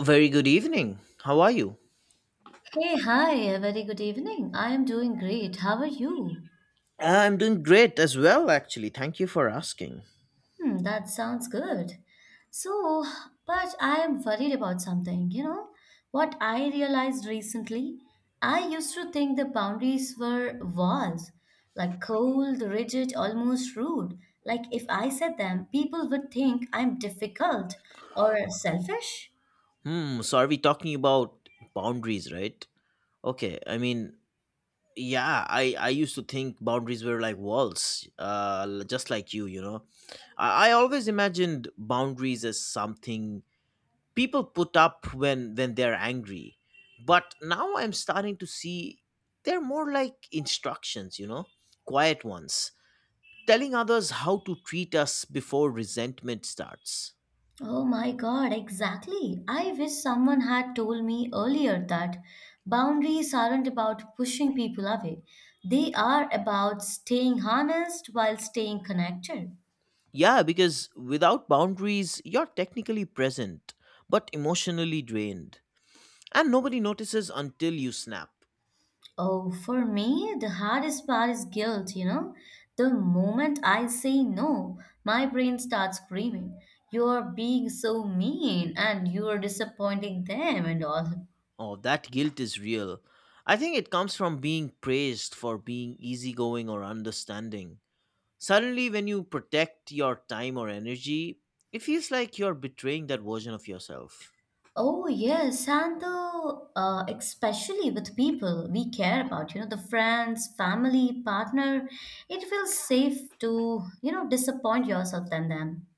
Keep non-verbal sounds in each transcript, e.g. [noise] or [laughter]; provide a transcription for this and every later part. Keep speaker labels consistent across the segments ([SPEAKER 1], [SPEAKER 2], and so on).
[SPEAKER 1] Very good evening. How are you?
[SPEAKER 2] Hey, hi, a very good evening. I am doing great. How are you?
[SPEAKER 1] I'm doing great as well, actually. Thank you for asking.
[SPEAKER 2] Hmm, that sounds good. So, but I am worried about something, you know? What I realized recently, I used to think the boundaries were walls, like cold, rigid, almost rude. Like if I said them, people would think I'm difficult or selfish.
[SPEAKER 1] So are we talking about boundaries, right? Okay, I mean, yeah, I used to think boundaries were like walls, just like you know. I always imagined boundaries as something people put up when they're angry. But now I'm starting to see they're more like instructions, you know, quiet ones. Telling others how to treat us before resentment starts.
[SPEAKER 2] Oh my God, exactly. I wish someone had told me earlier that boundaries aren't about pushing people away. They are about staying honest while staying connected.
[SPEAKER 1] Yeah, because without boundaries, you're technically present, but emotionally drained. And nobody notices until you snap.
[SPEAKER 2] Oh, for me, the hardest part is guilt, you know. The moment I say no, my brain starts screaming, you're being so mean and you're disappointing them and all.
[SPEAKER 1] Oh, that guilt is real. I think it comes from being praised for being easygoing or understanding. Suddenly, when you protect your time or energy, it feels like you're betraying that version of yourself.
[SPEAKER 2] Oh, yes, and the especially with people we care about, you know, the friends, family, partner, it feels safe to, you know, disappoint yourself than them.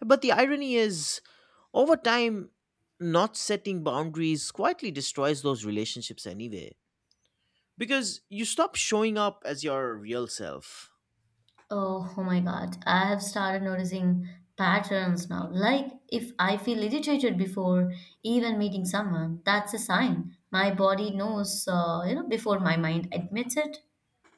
[SPEAKER 1] But the irony is, over time, not setting boundaries quietly destroys those relationships anyway, because you stop showing up as your real self.
[SPEAKER 2] Oh, oh my God, I have started noticing patterns now. Like if I feel irritated before even meeting someone, that's a sign. My body knows, you know, before my mind admits it.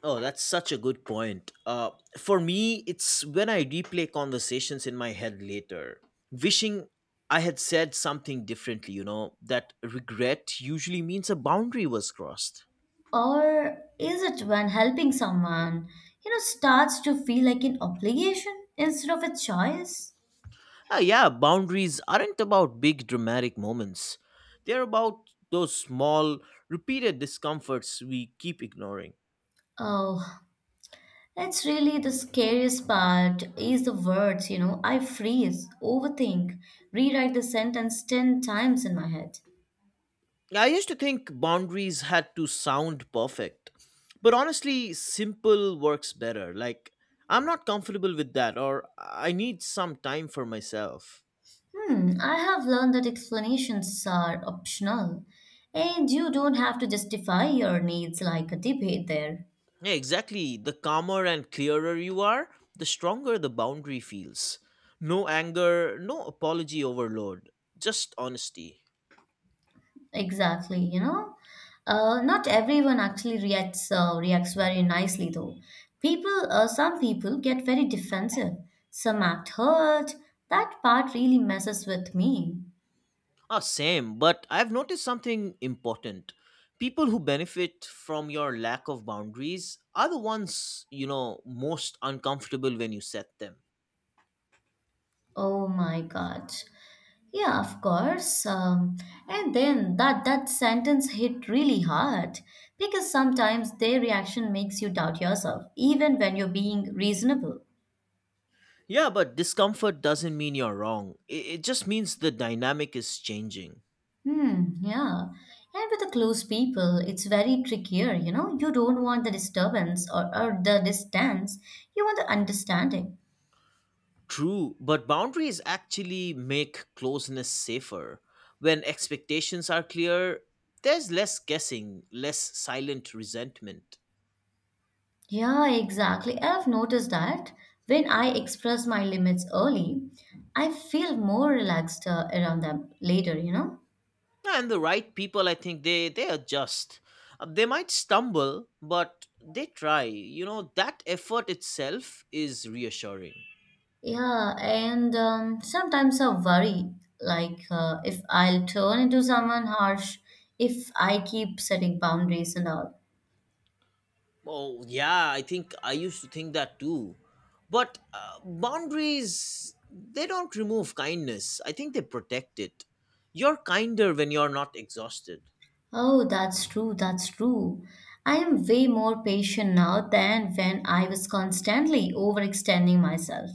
[SPEAKER 1] Oh, that's such a good point. For me, it's when I replay conversations in my head later, wishing I had said something differently, you know, that regret usually means a boundary was crossed.
[SPEAKER 2] Or is it when helping someone, you know, starts to feel like an obligation instead of a choice?
[SPEAKER 1] Ah, yeah, boundaries aren't about big dramatic moments. They're about those small, repeated discomforts we keep ignoring.
[SPEAKER 2] Oh, that's really the scariest part is the words, you know. I freeze, overthink, rewrite the sentence 10 times in my head.
[SPEAKER 1] I used to think boundaries had to sound perfect, but honestly, simple works better. Like, I'm not comfortable with that, or I need some time for myself.
[SPEAKER 2] Hmm, I have learned that explanations are optional and you don't have to justify your needs like a debate there.
[SPEAKER 1] Yeah, exactly. The calmer and clearer you are, the stronger the boundary feels. No anger, no apology overload, just honesty.
[SPEAKER 2] Exactly, you know. Not everyone actually reacts reacts very nicely though. Some people get very defensive. Some act hurt. That part really messes with me.
[SPEAKER 1] Ah, same. But I've noticed something important. People who benefit from your lack of boundaries are the ones, you know, most uncomfortable when you set them.
[SPEAKER 2] Oh my God. Yeah, of course. And then that sentence hit really hard because sometimes their reaction makes you doubt yourself, even when you're being reasonable.
[SPEAKER 1] Yeah, but discomfort doesn't mean you're wrong. It just means the dynamic is changing.
[SPEAKER 2] Hmm, yeah. And with the close people, it's very trickier, you know. You don't want the disturbance or the distance. You want the understanding.
[SPEAKER 1] True, but boundaries actually make closeness safer. When expectations are clear, there's less guessing, less silent resentment.
[SPEAKER 2] Yeah, exactly. I've noticed that when I express my limits early, I feel more relaxed around them later, you know.
[SPEAKER 1] And the right people, I think they adjust. They might stumble, but they try. You know, that effort itself is reassuring.
[SPEAKER 2] Yeah, and sometimes I worry like if I'll turn into someone harsh if I keep setting boundaries and all.
[SPEAKER 1] Oh yeah, I think I used to think that too, but uh, boundaries, they don't remove kindness, I think they protect it. You're kinder when you're not exhausted.
[SPEAKER 2] Oh, that's true, that's true. I am way more patient now than when I was constantly overextending myself.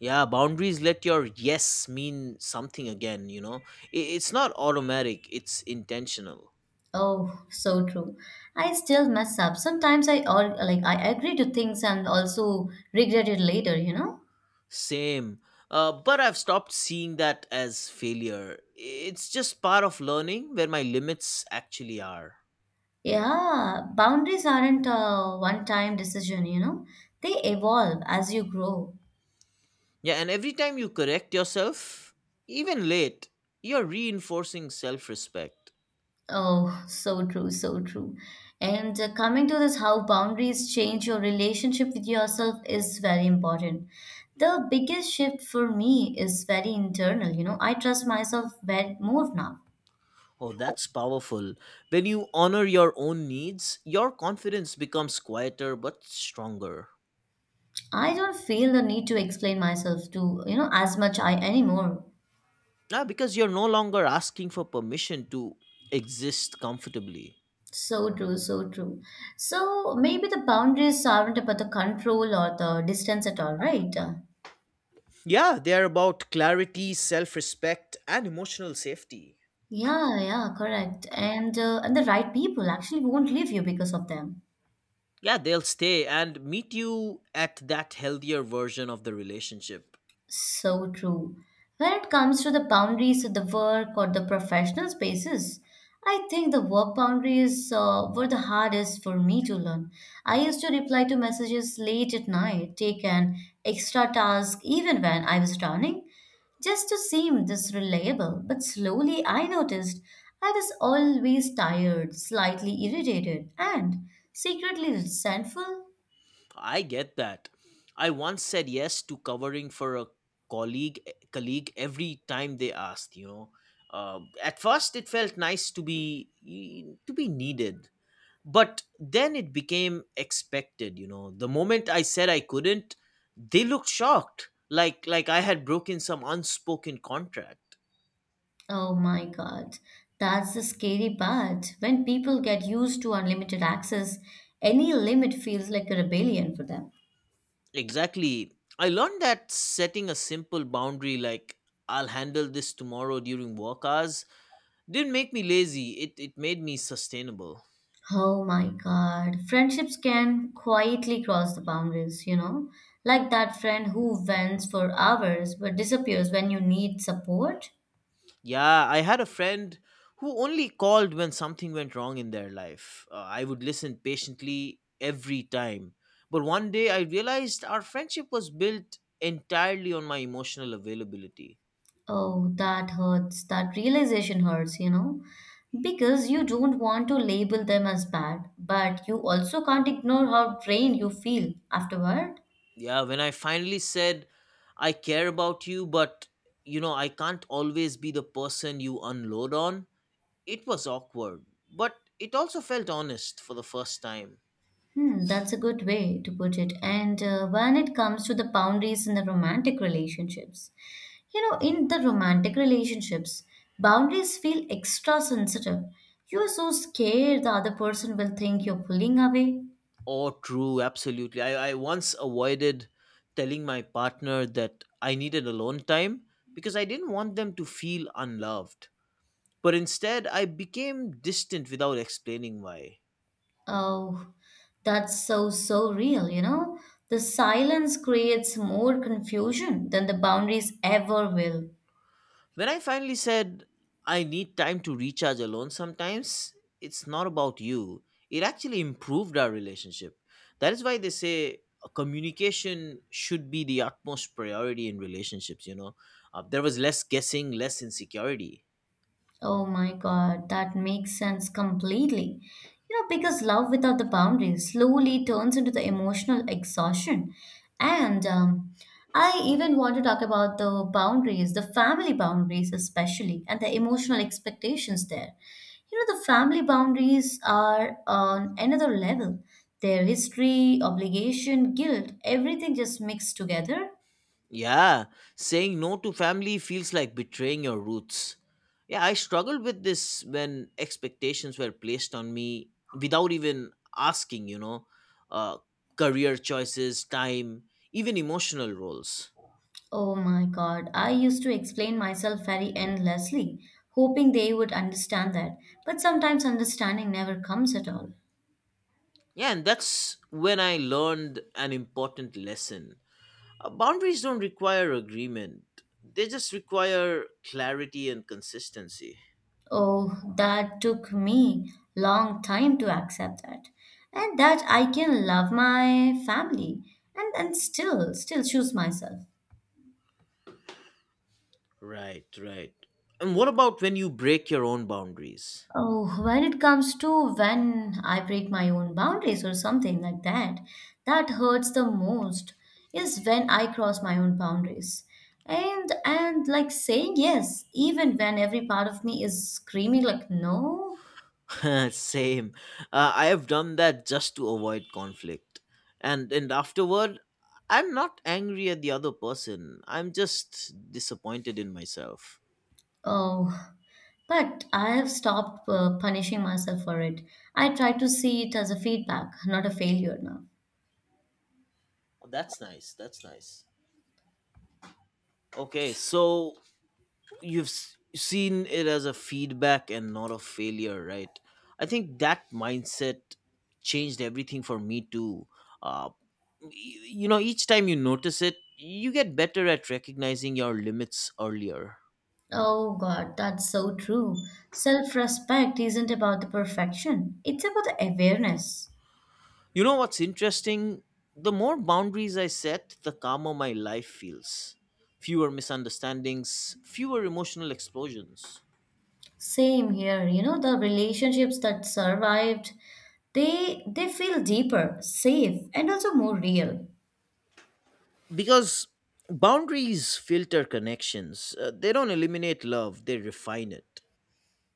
[SPEAKER 1] Yeah, boundaries let your yes mean something again, you know. It's not automatic, it's intentional.
[SPEAKER 2] Oh, so true. I still mess up. Sometimes I all like I agree to things and also regret it later, you know?
[SPEAKER 1] Same. But I've stopped seeing that as failure. It's just part of learning where my limits actually are.
[SPEAKER 2] Yeah, boundaries aren't a one-time decision, you know? They evolve as you grow.
[SPEAKER 1] Yeah, and every time you correct yourself, even late, you're reinforcing self respect.
[SPEAKER 2] Oh, so true, so true. And coming to this, how boundaries change your relationship with yourself is very important. The biggest shift for me is very internal. You know, I trust myself very more now.
[SPEAKER 1] Oh, that's powerful. When you honor your own needs, your confidence becomes quieter but stronger.
[SPEAKER 2] I don't feel the need to explain myself to, you know, as much I anymore.
[SPEAKER 1] Ah, because you're no longer asking for permission to exist comfortably.
[SPEAKER 2] So true, so true. So maybe the boundaries aren't about the control or the distance at all, right?
[SPEAKER 1] Yeah, they are about clarity, self respect, and emotional safety.
[SPEAKER 2] Yeah, yeah, correct. And the right people actually won't leave you because of them.
[SPEAKER 1] Yeah, they'll stay and meet you at that healthier version of the relationship.
[SPEAKER 2] So true. When it comes to the boundaries of the work or the professional spaces, I think the work boundaries were the hardest for me to learn. I used to reply to messages late at night, take an extra task even when I was drowning, just to seem this reliable. But slowly I noticed I was always tired, slightly irritated, and secretly resentful.
[SPEAKER 1] I get that. I once said yes to covering for a colleague colleague every time they asked, you know. At first it felt nice to be needed, but then it became expected. You know, the moment I said I couldn't, they looked shocked, like I had broken some unspoken contract.
[SPEAKER 2] Oh my God, that's the scary part. When people get used to unlimited access, any limit feels like a rebellion for them.
[SPEAKER 1] Exactly. I learned that setting a simple boundary like I'll handle this tomorrow during work hours didn't make me lazy, it made me sustainable.
[SPEAKER 2] Oh my God, friendships can quietly cross the boundaries, you know? Like that friend who vents for hours but disappears when you need support.
[SPEAKER 1] Yeah, I had a friend who only called when something went wrong in their life. I would listen patiently every time. But one day I realized our friendship was built entirely on my emotional availability.
[SPEAKER 2] Oh, that hurts. That realization hurts, you know? Because you don't want to label them as bad, but you also can't ignore how drained you feel afterward.
[SPEAKER 1] Yeah, when I finally said, I care about you, but you know, I can't always be the person you unload on, it was awkward. But it also felt honest for the first time.
[SPEAKER 2] Hmm, that's a good way to put it. And when it comes to the boundaries in the romantic relationships, you know, in the romantic relationships, boundaries feel extra sensitive. You are so scared the other person will think you're pulling away.
[SPEAKER 1] Oh, true, absolutely. I once avoided telling my partner that I needed alone time because I didn't want them to feel unloved. But instead, I became distant without explaining why.
[SPEAKER 2] Oh, that's so, so real, you know? The silence creates more confusion than the boundaries ever will.
[SPEAKER 1] When I finally said, I need time to recharge alone sometimes, it's not about you. It actually improved our relationship. That is why they say communication should be the utmost priority in relationships, you know. There was less guessing, less insecurity.
[SPEAKER 2] Oh my God, that makes sense completely. You know, because love without the boundaries slowly turns into the emotional exhaustion. And I even want to talk about the boundaries, the family boundaries especially, and the emotional expectations there. You know, the family boundaries are on another level. Their history, obligation, guilt, everything just mixed together.
[SPEAKER 1] Yeah, saying no to family feels like betraying your roots. Yeah, I struggled with this when expectations were placed on me without even asking, you know, uh, career choices, time, even emotional roles.
[SPEAKER 2] Oh my God, I used to explain myself very endlessly, hoping they would understand that. But sometimes understanding never comes at all.
[SPEAKER 1] Yeah, and that's when I learned an important lesson. Boundaries don't require agreement, they just require clarity and consistency.
[SPEAKER 2] Oh, that took me long time to accept that. And that I can love my family and still choose myself.
[SPEAKER 1] Right, right. And what about when you break your own boundaries?
[SPEAKER 2] Oh, when it comes to when I break my own boundaries or something like that, that hurts the most is when I cross my own boundaries. And like saying yes, even when every part of me is screaming like no.
[SPEAKER 1] [laughs] Same. I have done that just to avoid conflict. And afterward, I'm not angry at the other person. I'm just disappointed in myself.
[SPEAKER 2] Oh, but I have stopped punishing myself for it. I try to see it as a feedback, not a failure now.
[SPEAKER 1] Oh, that's nice. That's nice. Okay, so seen it as a feedback and not a failure, right? I think that mindset changed everything for me too. uh, you know, each time you notice it, you get better at recognizing your limits earlier.
[SPEAKER 2] Oh God, that's so true. Self-respect isn't about the perfection. It's about the awareness.
[SPEAKER 1] You know what's interesting, the more boundaries I set, the calmer my life feels. Fewer misunderstandings, fewer emotional explosions.
[SPEAKER 2] Same here. You know, the relationships that survived, they feel deeper, safe, and also more real.
[SPEAKER 1] Because boundaries filter connections, they don't eliminate love, they refine it.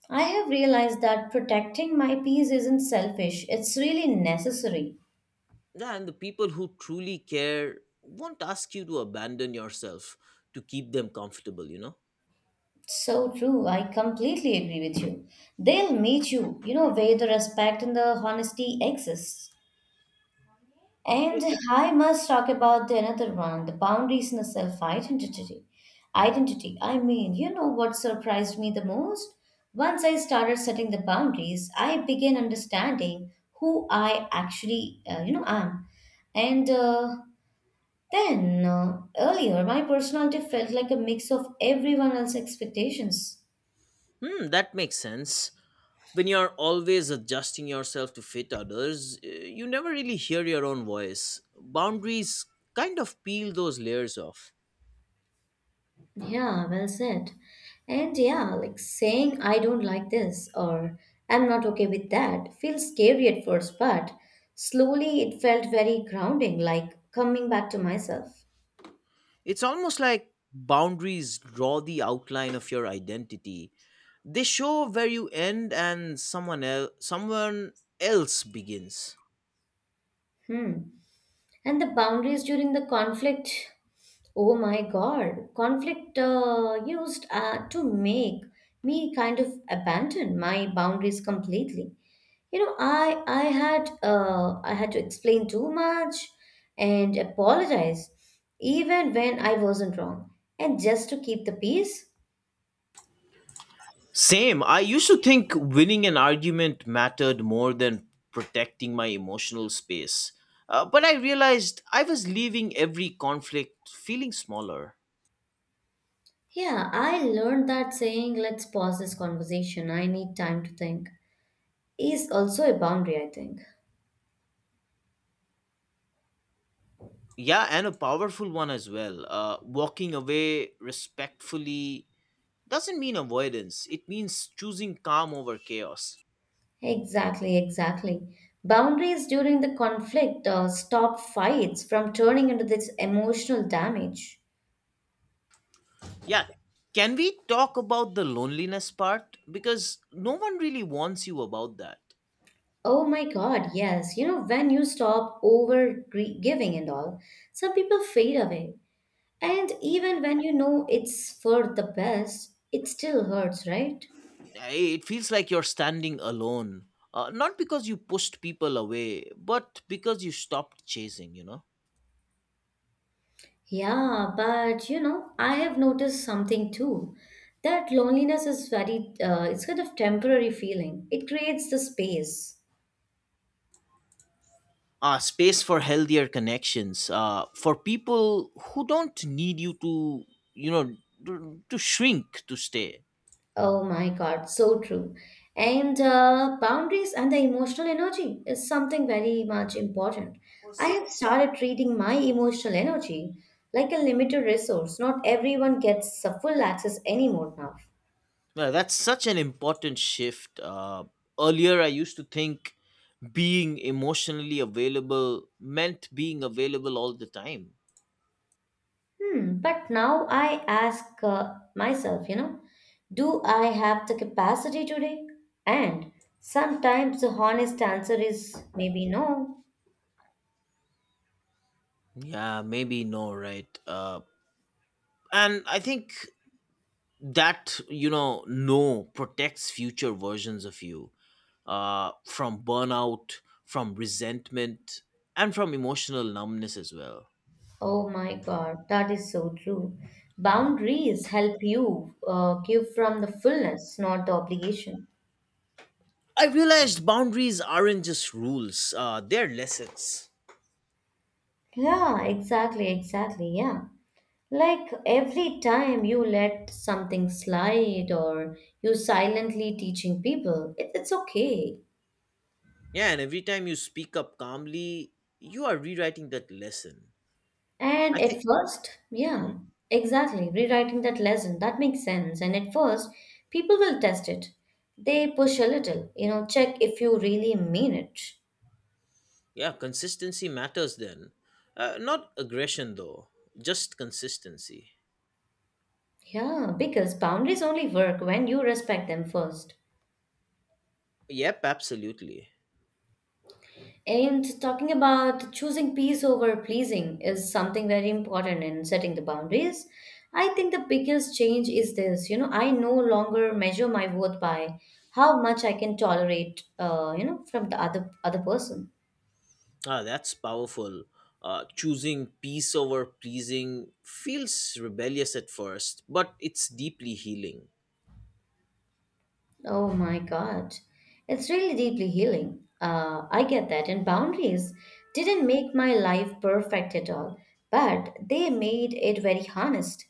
[SPEAKER 2] I have realized that protecting my peace isn't selfish, it's really necessary.
[SPEAKER 1] Yeah, and the people who truly care won't ask you to abandon yourself to keep them comfortable, you know?
[SPEAKER 2] So true. I completely agree with you. They'll meet you, you know, where the respect and the honesty exists. And I must talk about the another one, the boundaries in the self identity. Identity. I mean, you know what surprised me the most? Once I started setting the boundaries, I began understanding who I actually, you know, am. And then Earlier, my personality felt like a mix of everyone else's expectations.
[SPEAKER 1] Hmm, that makes sense. When you're always adjusting yourself to fit others, you never really hear your own voice. Boundaries kind of peel those layers off.
[SPEAKER 2] Yeah, well said. And yeah, like saying I don't like this or I'm not okay with that feels scary at first, but slowly it felt very grounding, like coming back to myself.
[SPEAKER 1] It's almost like boundaries draw the outline of your identity. They show where you end and someone else begins.
[SPEAKER 2] Hmm. And the boundaries during the conflict, oh my God, conflict used to make me kind of abandon my boundaries completely. You know, I had to explain too much and apologize, even when I wasn't wrong, and just to keep the peace.
[SPEAKER 1] Same. I used to think winning an argument mattered more than protecting my emotional space. But I realized I was leaving every conflict feeling smaller.
[SPEAKER 2] Yeah, I learned that saying, let's pause this conversation, I need time to think, is also a boundary, I think.
[SPEAKER 1] Yeah, and a powerful one as well. Walking away respectfully doesn't mean avoidance, it means choosing calm over chaos.
[SPEAKER 2] Exactly, exactly. Boundaries during the conflict stop fights from turning into this emotional damage.
[SPEAKER 1] Yeah, can we talk about the loneliness part? Because no one really warns you about that.
[SPEAKER 2] Oh my God, yes. You know, when you stop giving and all, some people fade away. And even when you know it's for the best, it still hurts, right?
[SPEAKER 1] It feels like you're standing alone, not because you pushed people away, but because you stopped chasing, you know.
[SPEAKER 2] Yeah, but you know, I have noticed something too. That loneliness is very, it's kind of temporary feeling. It creates the space.
[SPEAKER 1] Space for healthier connections, for people who don't need you to, you know, to shrink to stay.
[SPEAKER 2] Oh my God, so true. And boundaries and the emotional energy is something very much important. I have started treating my emotional energy like a limited resource. Not everyone gets a full access anymore now.
[SPEAKER 1] Yeah, that's such an important shift. Earlier I used to think being emotionally available meant being available all the time.
[SPEAKER 2] Hmm, but now I ask myself, you know, do I have the capacity today? And sometimes the honest answer is maybe no.
[SPEAKER 1] Yeah, maybe no, right? And I think that, you know, no protects future versions of you, from burnout, from resentment, and from emotional numbness as well.
[SPEAKER 2] Oh my God, that is so true. Boundaries help you give from the fullness, not the obligation.
[SPEAKER 1] I realized boundaries aren't just rules, they're lessons.
[SPEAKER 2] Yeah, exactly, exactly. Yeah. Like every time you let something slide or you silently teaching people, it's okay.
[SPEAKER 1] Yeah, and every time you speak up calmly, you are rewriting that lesson,
[SPEAKER 2] And
[SPEAKER 1] I think.
[SPEAKER 2] at first, yeah,
[SPEAKER 1] Mhm.
[SPEAKER 2] exactly, rewriting that lesson, that makes sense. And at first, people will test it. They push a little, you know, check if you really mean it.
[SPEAKER 1] Yeah, consistency matters then, not aggression though, just consistency.
[SPEAKER 2] Yeah, because boundaries only work when you respect them first.
[SPEAKER 1] Yep, absolutely.
[SPEAKER 2] And talking about choosing peace over pleasing is something very important in setting the boundaries. I think the biggest change is this, you know, I no longer measure my worth by how much I can tolerate, you know, from the other person.
[SPEAKER 1] Ah, that's powerful. Choosing peace over pleasing feels rebellious at first, but it's deeply healing.
[SPEAKER 2] Oh my God. It's really deeply healing. I get that. And boundaries didn't make my life perfect at all, but they made it very honest.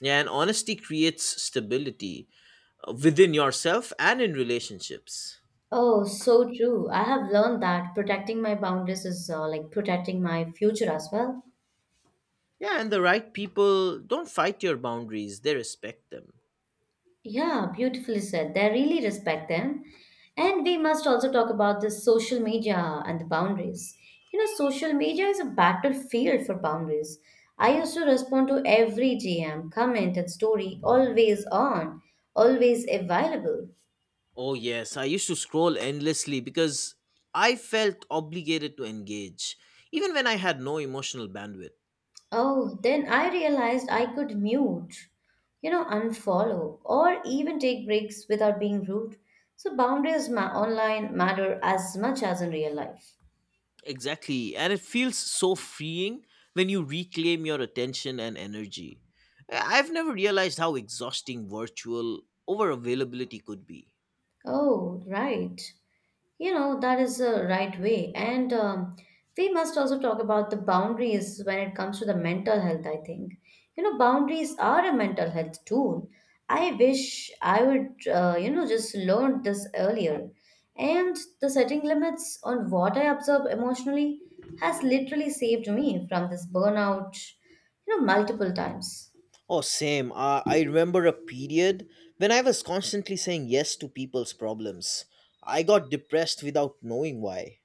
[SPEAKER 1] Yeah, and honesty creates stability within yourself and in relationships.
[SPEAKER 2] Oh, so true. I have learned that protecting my boundaries is like protecting my future as well.
[SPEAKER 1] Yeah, and the right people don't fight your boundaries, they respect them.
[SPEAKER 2] Yeah, beautifully said. They really respect them. And we must also talk about the social media and the boundaries. You know, social media is a battlefield for boundaries. I used to respond to every GM, comment, and story, always on, always available.
[SPEAKER 1] Oh, yes, I used to scroll endlessly because I felt obligated to engage, even when I had no emotional bandwidth.
[SPEAKER 2] Oh, then I realized I could mute, you know, unfollow, or even take breaks without being rude. So boundaries ma- online matter as much as in real life.
[SPEAKER 1] Exactly. And it feels so freeing when you reclaim your attention and energy. I've never realized how exhausting virtual over availability could be.
[SPEAKER 2] Oh, right. You know, that is the right way. And we must also talk about the boundaries when it comes to the mental health, I think. You know, boundaries are a mental health tool. I wish I would, you know, just learned this earlier. And the setting limits on what I observe emotionally has literally saved me from this burnout, you know, multiple times.
[SPEAKER 1] Oh, same. I remember a period when I was constantly saying yes to people's problems. I got depressed without knowing why.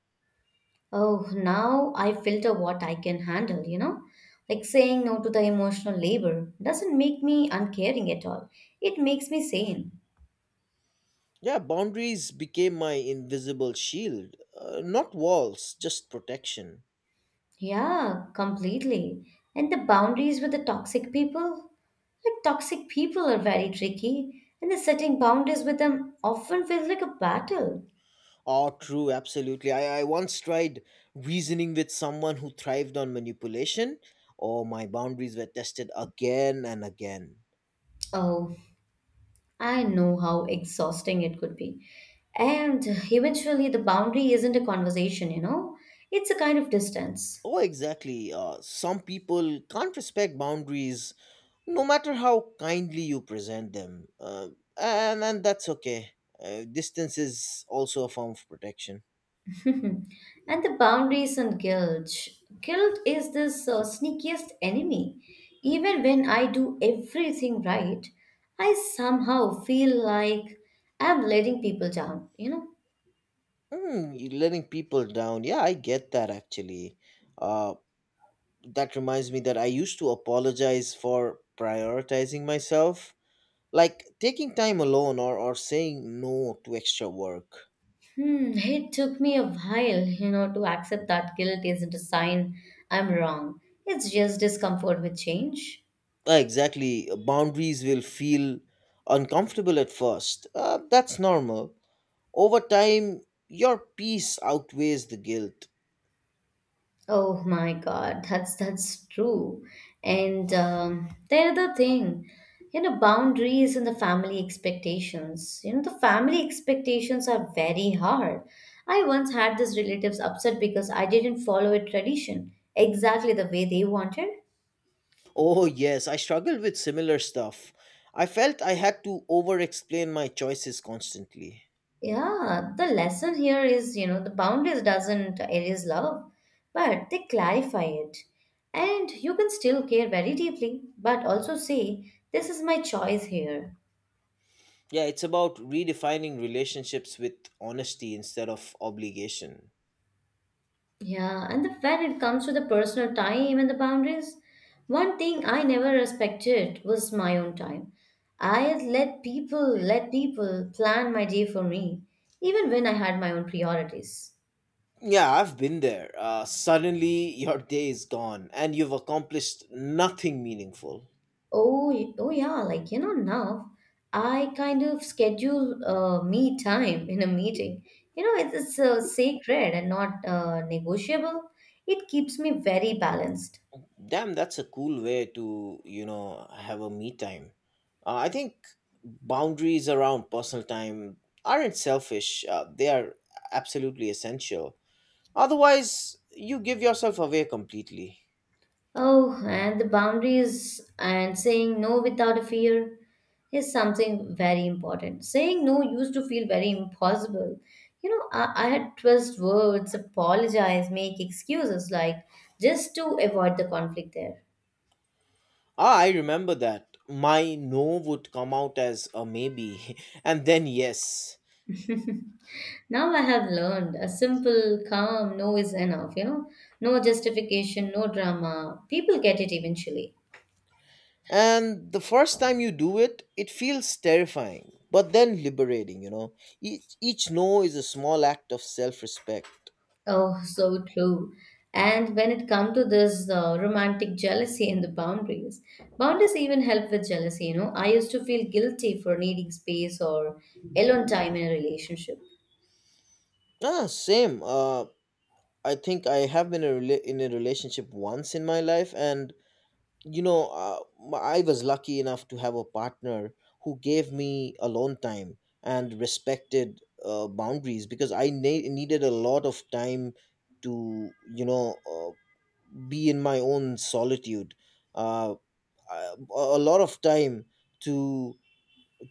[SPEAKER 2] Oh, now I filter what I can handle, you know? Like saying no to the emotional labor doesn't make me uncaring at all. It makes me sane.
[SPEAKER 1] Yeah, boundaries became my invisible shield. Not walls, just protection.
[SPEAKER 2] Yeah, completely. And the boundaries with the toxic people? Like, toxic people are very tricky, and the setting boundaries with them often feels like a battle.
[SPEAKER 1] Oh, true, absolutely. I once tried reasoning with someone who thrived on manipulation. Oh, my boundaries were tested again and again.
[SPEAKER 2] Oh, I know how exhausting it could be. And eventually, the boundary isn't a conversation, you know? It's a kind of distance.
[SPEAKER 1] Oh, exactly. Some people can't respect boundaries no matter how kindly you present them. And that's okay. Distance is also a form of protection.
[SPEAKER 2] [laughs] And the boundaries and guilt. Guilt is this sneakiest enemy. Even when I do everything right, I somehow feel like I'm letting people down, you know?
[SPEAKER 1] Hmm, you letting people down. Yeah, I get that actually. Uh, that reminds me that I used to apologize for prioritizing myself, like taking time alone or saying no to extra work.
[SPEAKER 2] Hmm, it took me a while, you know, to accept that guilt isn't a sign I'm wrong. It's just discomfort with change.
[SPEAKER 1] Exactly, boundaries will feel uncomfortable at first. That's normal. Over time, your peace outweighs the guilt.
[SPEAKER 2] Oh my God, that's true. And they're the other thing, you know, boundaries and the family expectations. You know, the family expectations are very hard. I once had this relatives upset because I didn't follow a tradition exactly the way they wanted.
[SPEAKER 1] Oh yes, I struggled with similar stuff. I felt I had to over explain my choices constantly.
[SPEAKER 2] Yeah, the lesson here is, you know, the boundaries doesn't erase love, but they clarify it. And you can still care very deeply, but also say, this is my choice here.
[SPEAKER 1] Yeah, it's about redefining relationships with honesty instead of obligation.
[SPEAKER 2] Yeah, and the, when it comes to the personal time and the boundaries, one thing I never respected was my own time. I let people plan my day for me, even when I had my own priorities.
[SPEAKER 1] Yeah, I've been there. Suddenly, your day is gone and you've accomplished nothing meaningful.
[SPEAKER 2] Oh, oh yeah, like you know now, I kind of schedule me time in a meeting. You know, it's sacred and not negotiable. It keeps me very balanced.
[SPEAKER 1] Damn, that's a cool way to, you know, have a me time. I think boundaries around personal time aren't selfish, they are absolutely essential. Otherwise, you give yourself away completely.
[SPEAKER 2] Oh, and the boundaries and saying no without a fear is something very important. Saying no used to feel very impossible. You know, I had twist words, apologize, make excuses like just to avoid the conflict there.
[SPEAKER 1] Ah, I remember that. My no would come out as a maybe, [laughs] and then yes.
[SPEAKER 2] [laughs] Now I have learned a simple, calm no is enough, you know, no justification, no drama. People get it eventually.
[SPEAKER 1] And the first time you do it, it feels terrifying, but then liberating, you know. Each no is a small act of self respect.
[SPEAKER 2] Oh, so true. And when it comes to this romantic jealousy and the boundaries, boundaries even help with jealousy. You know, I used to feel guilty for needing space or alone time in a relationship.
[SPEAKER 1] Ah, same. I think I have been a in a relationship once in my life, and you know, I was lucky enough to have a partner who gave me alone time and respected boundaries because I needed a lot of time to, you know, be in my own solitude. Uh, a lot of time to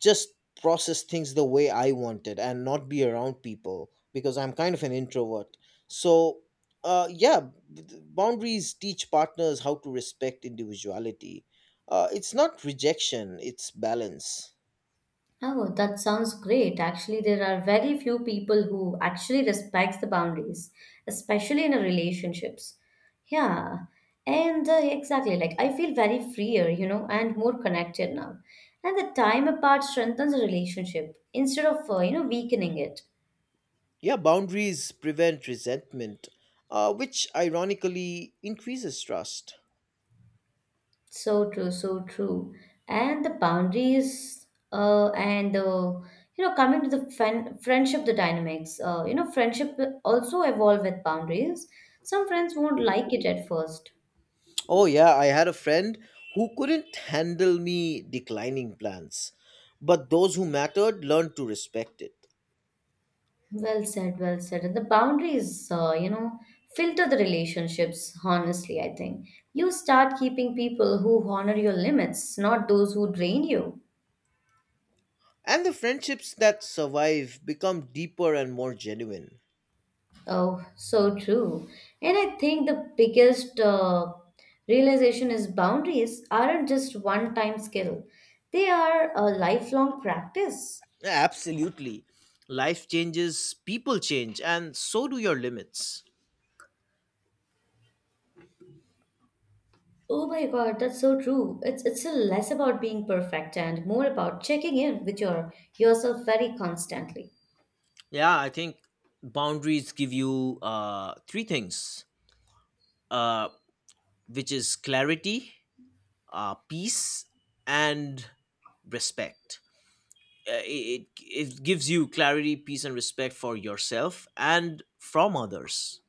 [SPEAKER 1] just process things the way I wanted and not be around people because I'm kind of an introvert. So, uh, yeah, Boundaries teach partners how to respect individuality. It's not rejection, it's balance.
[SPEAKER 2] Oh, that sounds great. Actually, there are very few people who actually respects the boundaries, especially in a relationships. Yeah, and exactly. Like I feel very freer, you know, and more connected now. And the time apart strengthens a relationship instead of you know weakening it.
[SPEAKER 1] Yeah, boundaries prevent resentment, which ironically increases trust.
[SPEAKER 2] So true, so true. And the boundaries, and the you know, coming to the friend, friendship, the dynamics. You know, friendship will also evolve with boundaries. Some friends won't like it at first.
[SPEAKER 1] Oh, yeah, I had a friend who couldn't handle me declining plans, but those who mattered learned to respect it.
[SPEAKER 2] Well said, well said. And the boundaries, you know, filter the relationships. Honestly, I think you start keeping people who honor your limits, not those who drain you.
[SPEAKER 1] And the friendships that survive become deeper and more genuine.
[SPEAKER 2] Oh, so true. And I think the biggest realization is boundaries aren't just one time skill, they are a lifelong practice.
[SPEAKER 1] Yeah, absolutely. Life changes, people change, and so do your limits.
[SPEAKER 2] Oh my God, that's so true. It's less about being perfect and more about checking in with your yourself very constantly.
[SPEAKER 1] Yeah, I think boundaries give you three things, uh, which is clarity, peace, and respect. It gives you clarity, peace and respect for yourself and from others.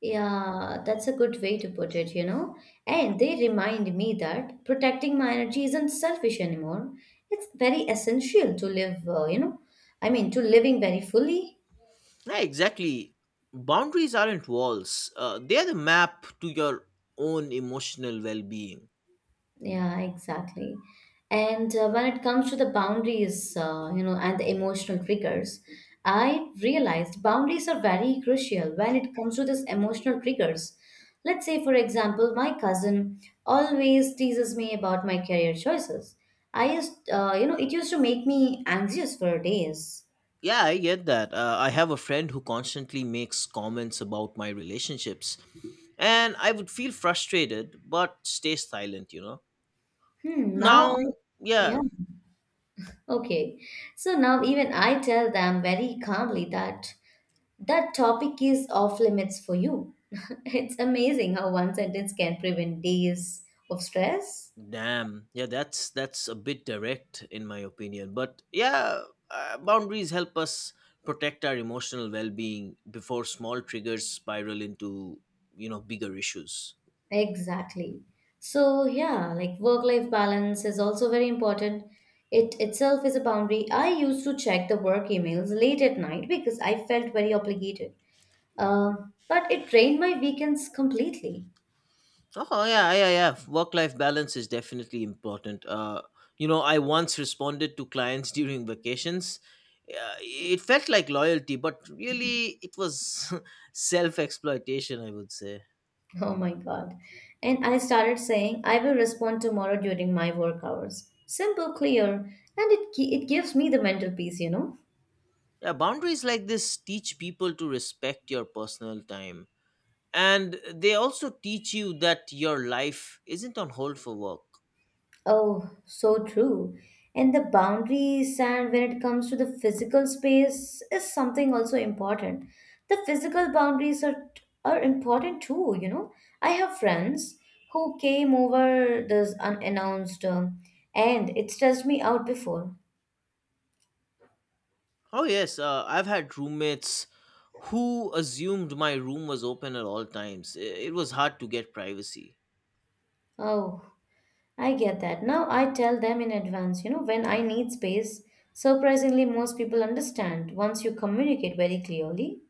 [SPEAKER 2] Yeah, that's a good way to put it, you know. And they remind me that protecting my energy isn't selfish anymore. It's very essential to live, you know, I mean, to living very fully.
[SPEAKER 1] Yeah, exactly, boundaries aren't walls, they're the map to your own emotional well-being.
[SPEAKER 2] Yeah, exactly. And when it comes to the boundaries, you know, and the emotional triggers, I realized boundaries are very crucial when it comes to this emotional triggers. Let's say, for example, my cousin always teases me about my career choices. I you know, it used to make me anxious for days.
[SPEAKER 1] Yeah, I get that. I have a friend who constantly makes comments about my relationships and I would feel frustrated but stay silent, you know.
[SPEAKER 2] Hmm, now I,
[SPEAKER 1] Now,
[SPEAKER 2] yeah,
[SPEAKER 1] yeah.
[SPEAKER 2] okay. So now even I tell them very calmly that. That topic is off limits for you. [laughs] It's amazing how one sentence can prevent days of stress.
[SPEAKER 1] Damn. Yeah, that's a bit direct in my opinion. But yeah, boundaries help us protect our emotional well-being before small triggers spiral into, you know, bigger issues.
[SPEAKER 2] Exactly. So, yeah, like work life balance is also very important. It itself is a boundary. I used to check the work emails late at night because I felt very obligated. But it drained my weekends completely.
[SPEAKER 1] Oh yeah, yeah, yeah. Work-life balance is definitely important. You know, I once responded to clients [laughs] during vacations. It felt like loyalty, but really it was [laughs] self-exploitation, I would say.
[SPEAKER 2] [laughs] Oh my God. And I started saying, I will respond tomorrow during my work hours. Simple, clear, and it gives me the mental peace, you know?
[SPEAKER 1] Yeah, boundaries like this teach people to respect your personal time and they also teach you that your life isn't on hold for work.
[SPEAKER 2] Oh, so true. And the boundaries, and when it comes to the physical space, is something also important. The physical are important too, you know? I have friends who came over this unannounced, and it stressed me out before.
[SPEAKER 1] Oh yes, I've had roommates who assumed my room was open at all times. It was hard to get privacy.
[SPEAKER 2] Oh, I get that. Now I tell them in advance, you know, when I need space. Surprisingly, most people understand once you communicate very clearly.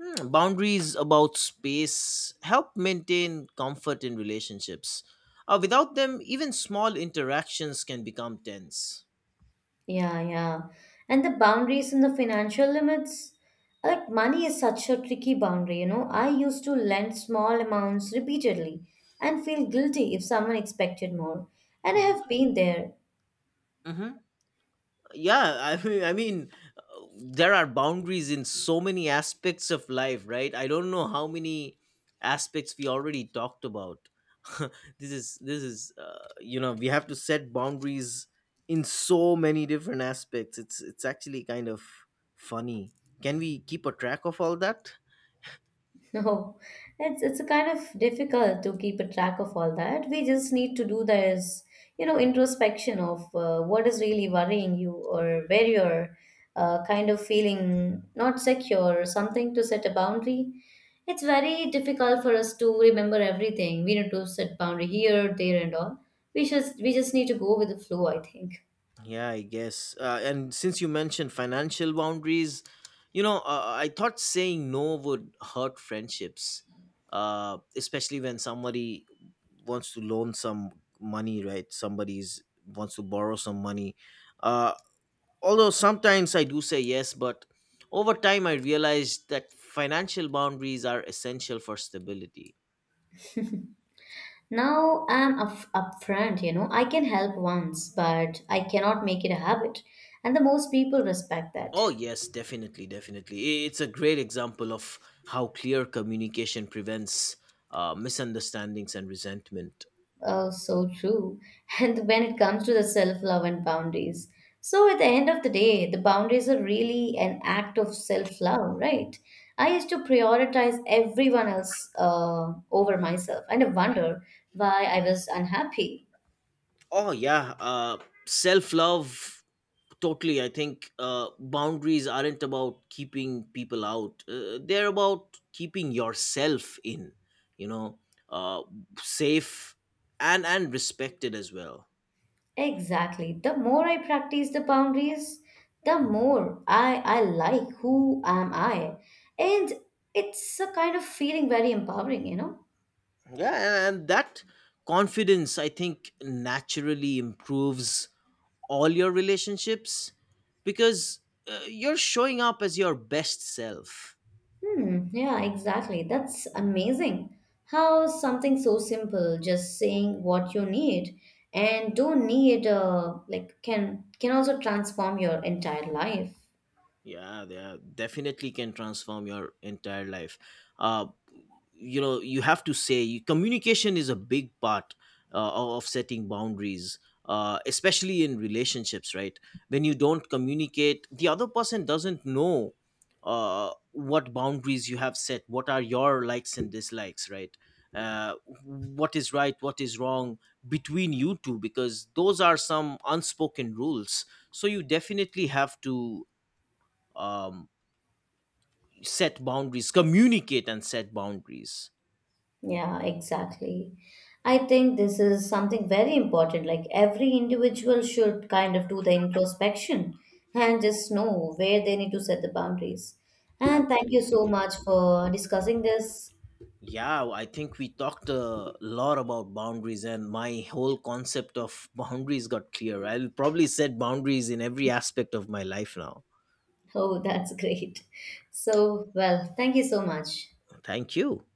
[SPEAKER 1] Hmm, boundaries about space help maintain comfort in relationships, without them even small interactions can become tense.
[SPEAKER 2] Yeah, yeah. And the boundaries and the financial limits. Like money is such a tricky boundary, you know. I used to lend small amounts repeatedly and feel guilty if someone expected more. And I have been there.
[SPEAKER 1] Mhm. yeah I [laughs] mean I mean uh, there are boundaries in so many aspects of life, right? I don't know how many aspects we already talked about. [laughs] This is you know, we have to set boundaries in so many different aspects. It's actually kind of funny. Can we keep a track of all that?
[SPEAKER 2] [laughs] No, it's kind of difficult to keep a track of all that. We just need to do this, you know, introspection of what is really worrying you or where you're kind of feeling not secure or something to set a boundary. It's very difficult for us to remember everything. We need to set boundary here, there, and all. We just need to go with the flow, I think.
[SPEAKER 1] Yeah, I guess. And since you mentioned financial boundaries, you know, I thought saying no would hurt friendships, especially when somebody wants to loan some money, right? Somebody's wants to borrow some money. Uh, Although sometimes I do say yes, but over time I realized that financial boundaries are essential for stability.
[SPEAKER 2] Now I'm up upfront, you know. I can help once, but I cannot make it a habit. And the most people respect that.
[SPEAKER 1] Oh, yes, definitely, definitely. It's a great example of how clear communication prevents misunderstandings and resentment.
[SPEAKER 2] Oh, so true. [laughs] And when it comes to the self-love and boundaries. So at the end of the day, the boundaries are really an act of self-love, right? I used to prioritize everyone else over myself, and I wonder why I was unhappy.
[SPEAKER 1] Oh, yeah. Self love, totally. I think boundaries aren't about keeping people out, they're about keeping yourself in, you know, uh, safe and respected as well.
[SPEAKER 2] Exactly. The more I practice the boundaries, the more I like who am I. And it's a kind of feeling very empowering, you know?
[SPEAKER 1] Yeah, and that confidence, I think, naturally improves all your relationships because you're showing up as your best self.
[SPEAKER 2] Hmm, yeah, exactly. That's amazing. How something so simple, just saying what you need and don't need like can also transform your entire life.
[SPEAKER 1] Definitely can transform your entire life. uh, you know, you have to say communication is a big part of setting boundaries, especially in relationships, right? When you don't communicate, the other person doesn't know what boundaries you have set, what are your likes and dislikes, right? uh, what is right, what is wrong between you two, because those are some unspoken rules. So you definitely have to um, set boundaries, communicate and set boundaries.
[SPEAKER 2] Yeah, exactly. I think this is something very important. Like every individual should kind of do the introspection and just know where they need to set the boundaries. And thank you so
[SPEAKER 1] Absolutely.
[SPEAKER 2] much for discussing this.
[SPEAKER 1] Yeah, I think we talked a lot about boundaries, and my whole concept of [laughs] boundaries got clear. I'll probably set boundaries in every aspect of my life now.
[SPEAKER 2] Oh, [laughs] that's great. So, well, thank you so much.
[SPEAKER 1] Thank you.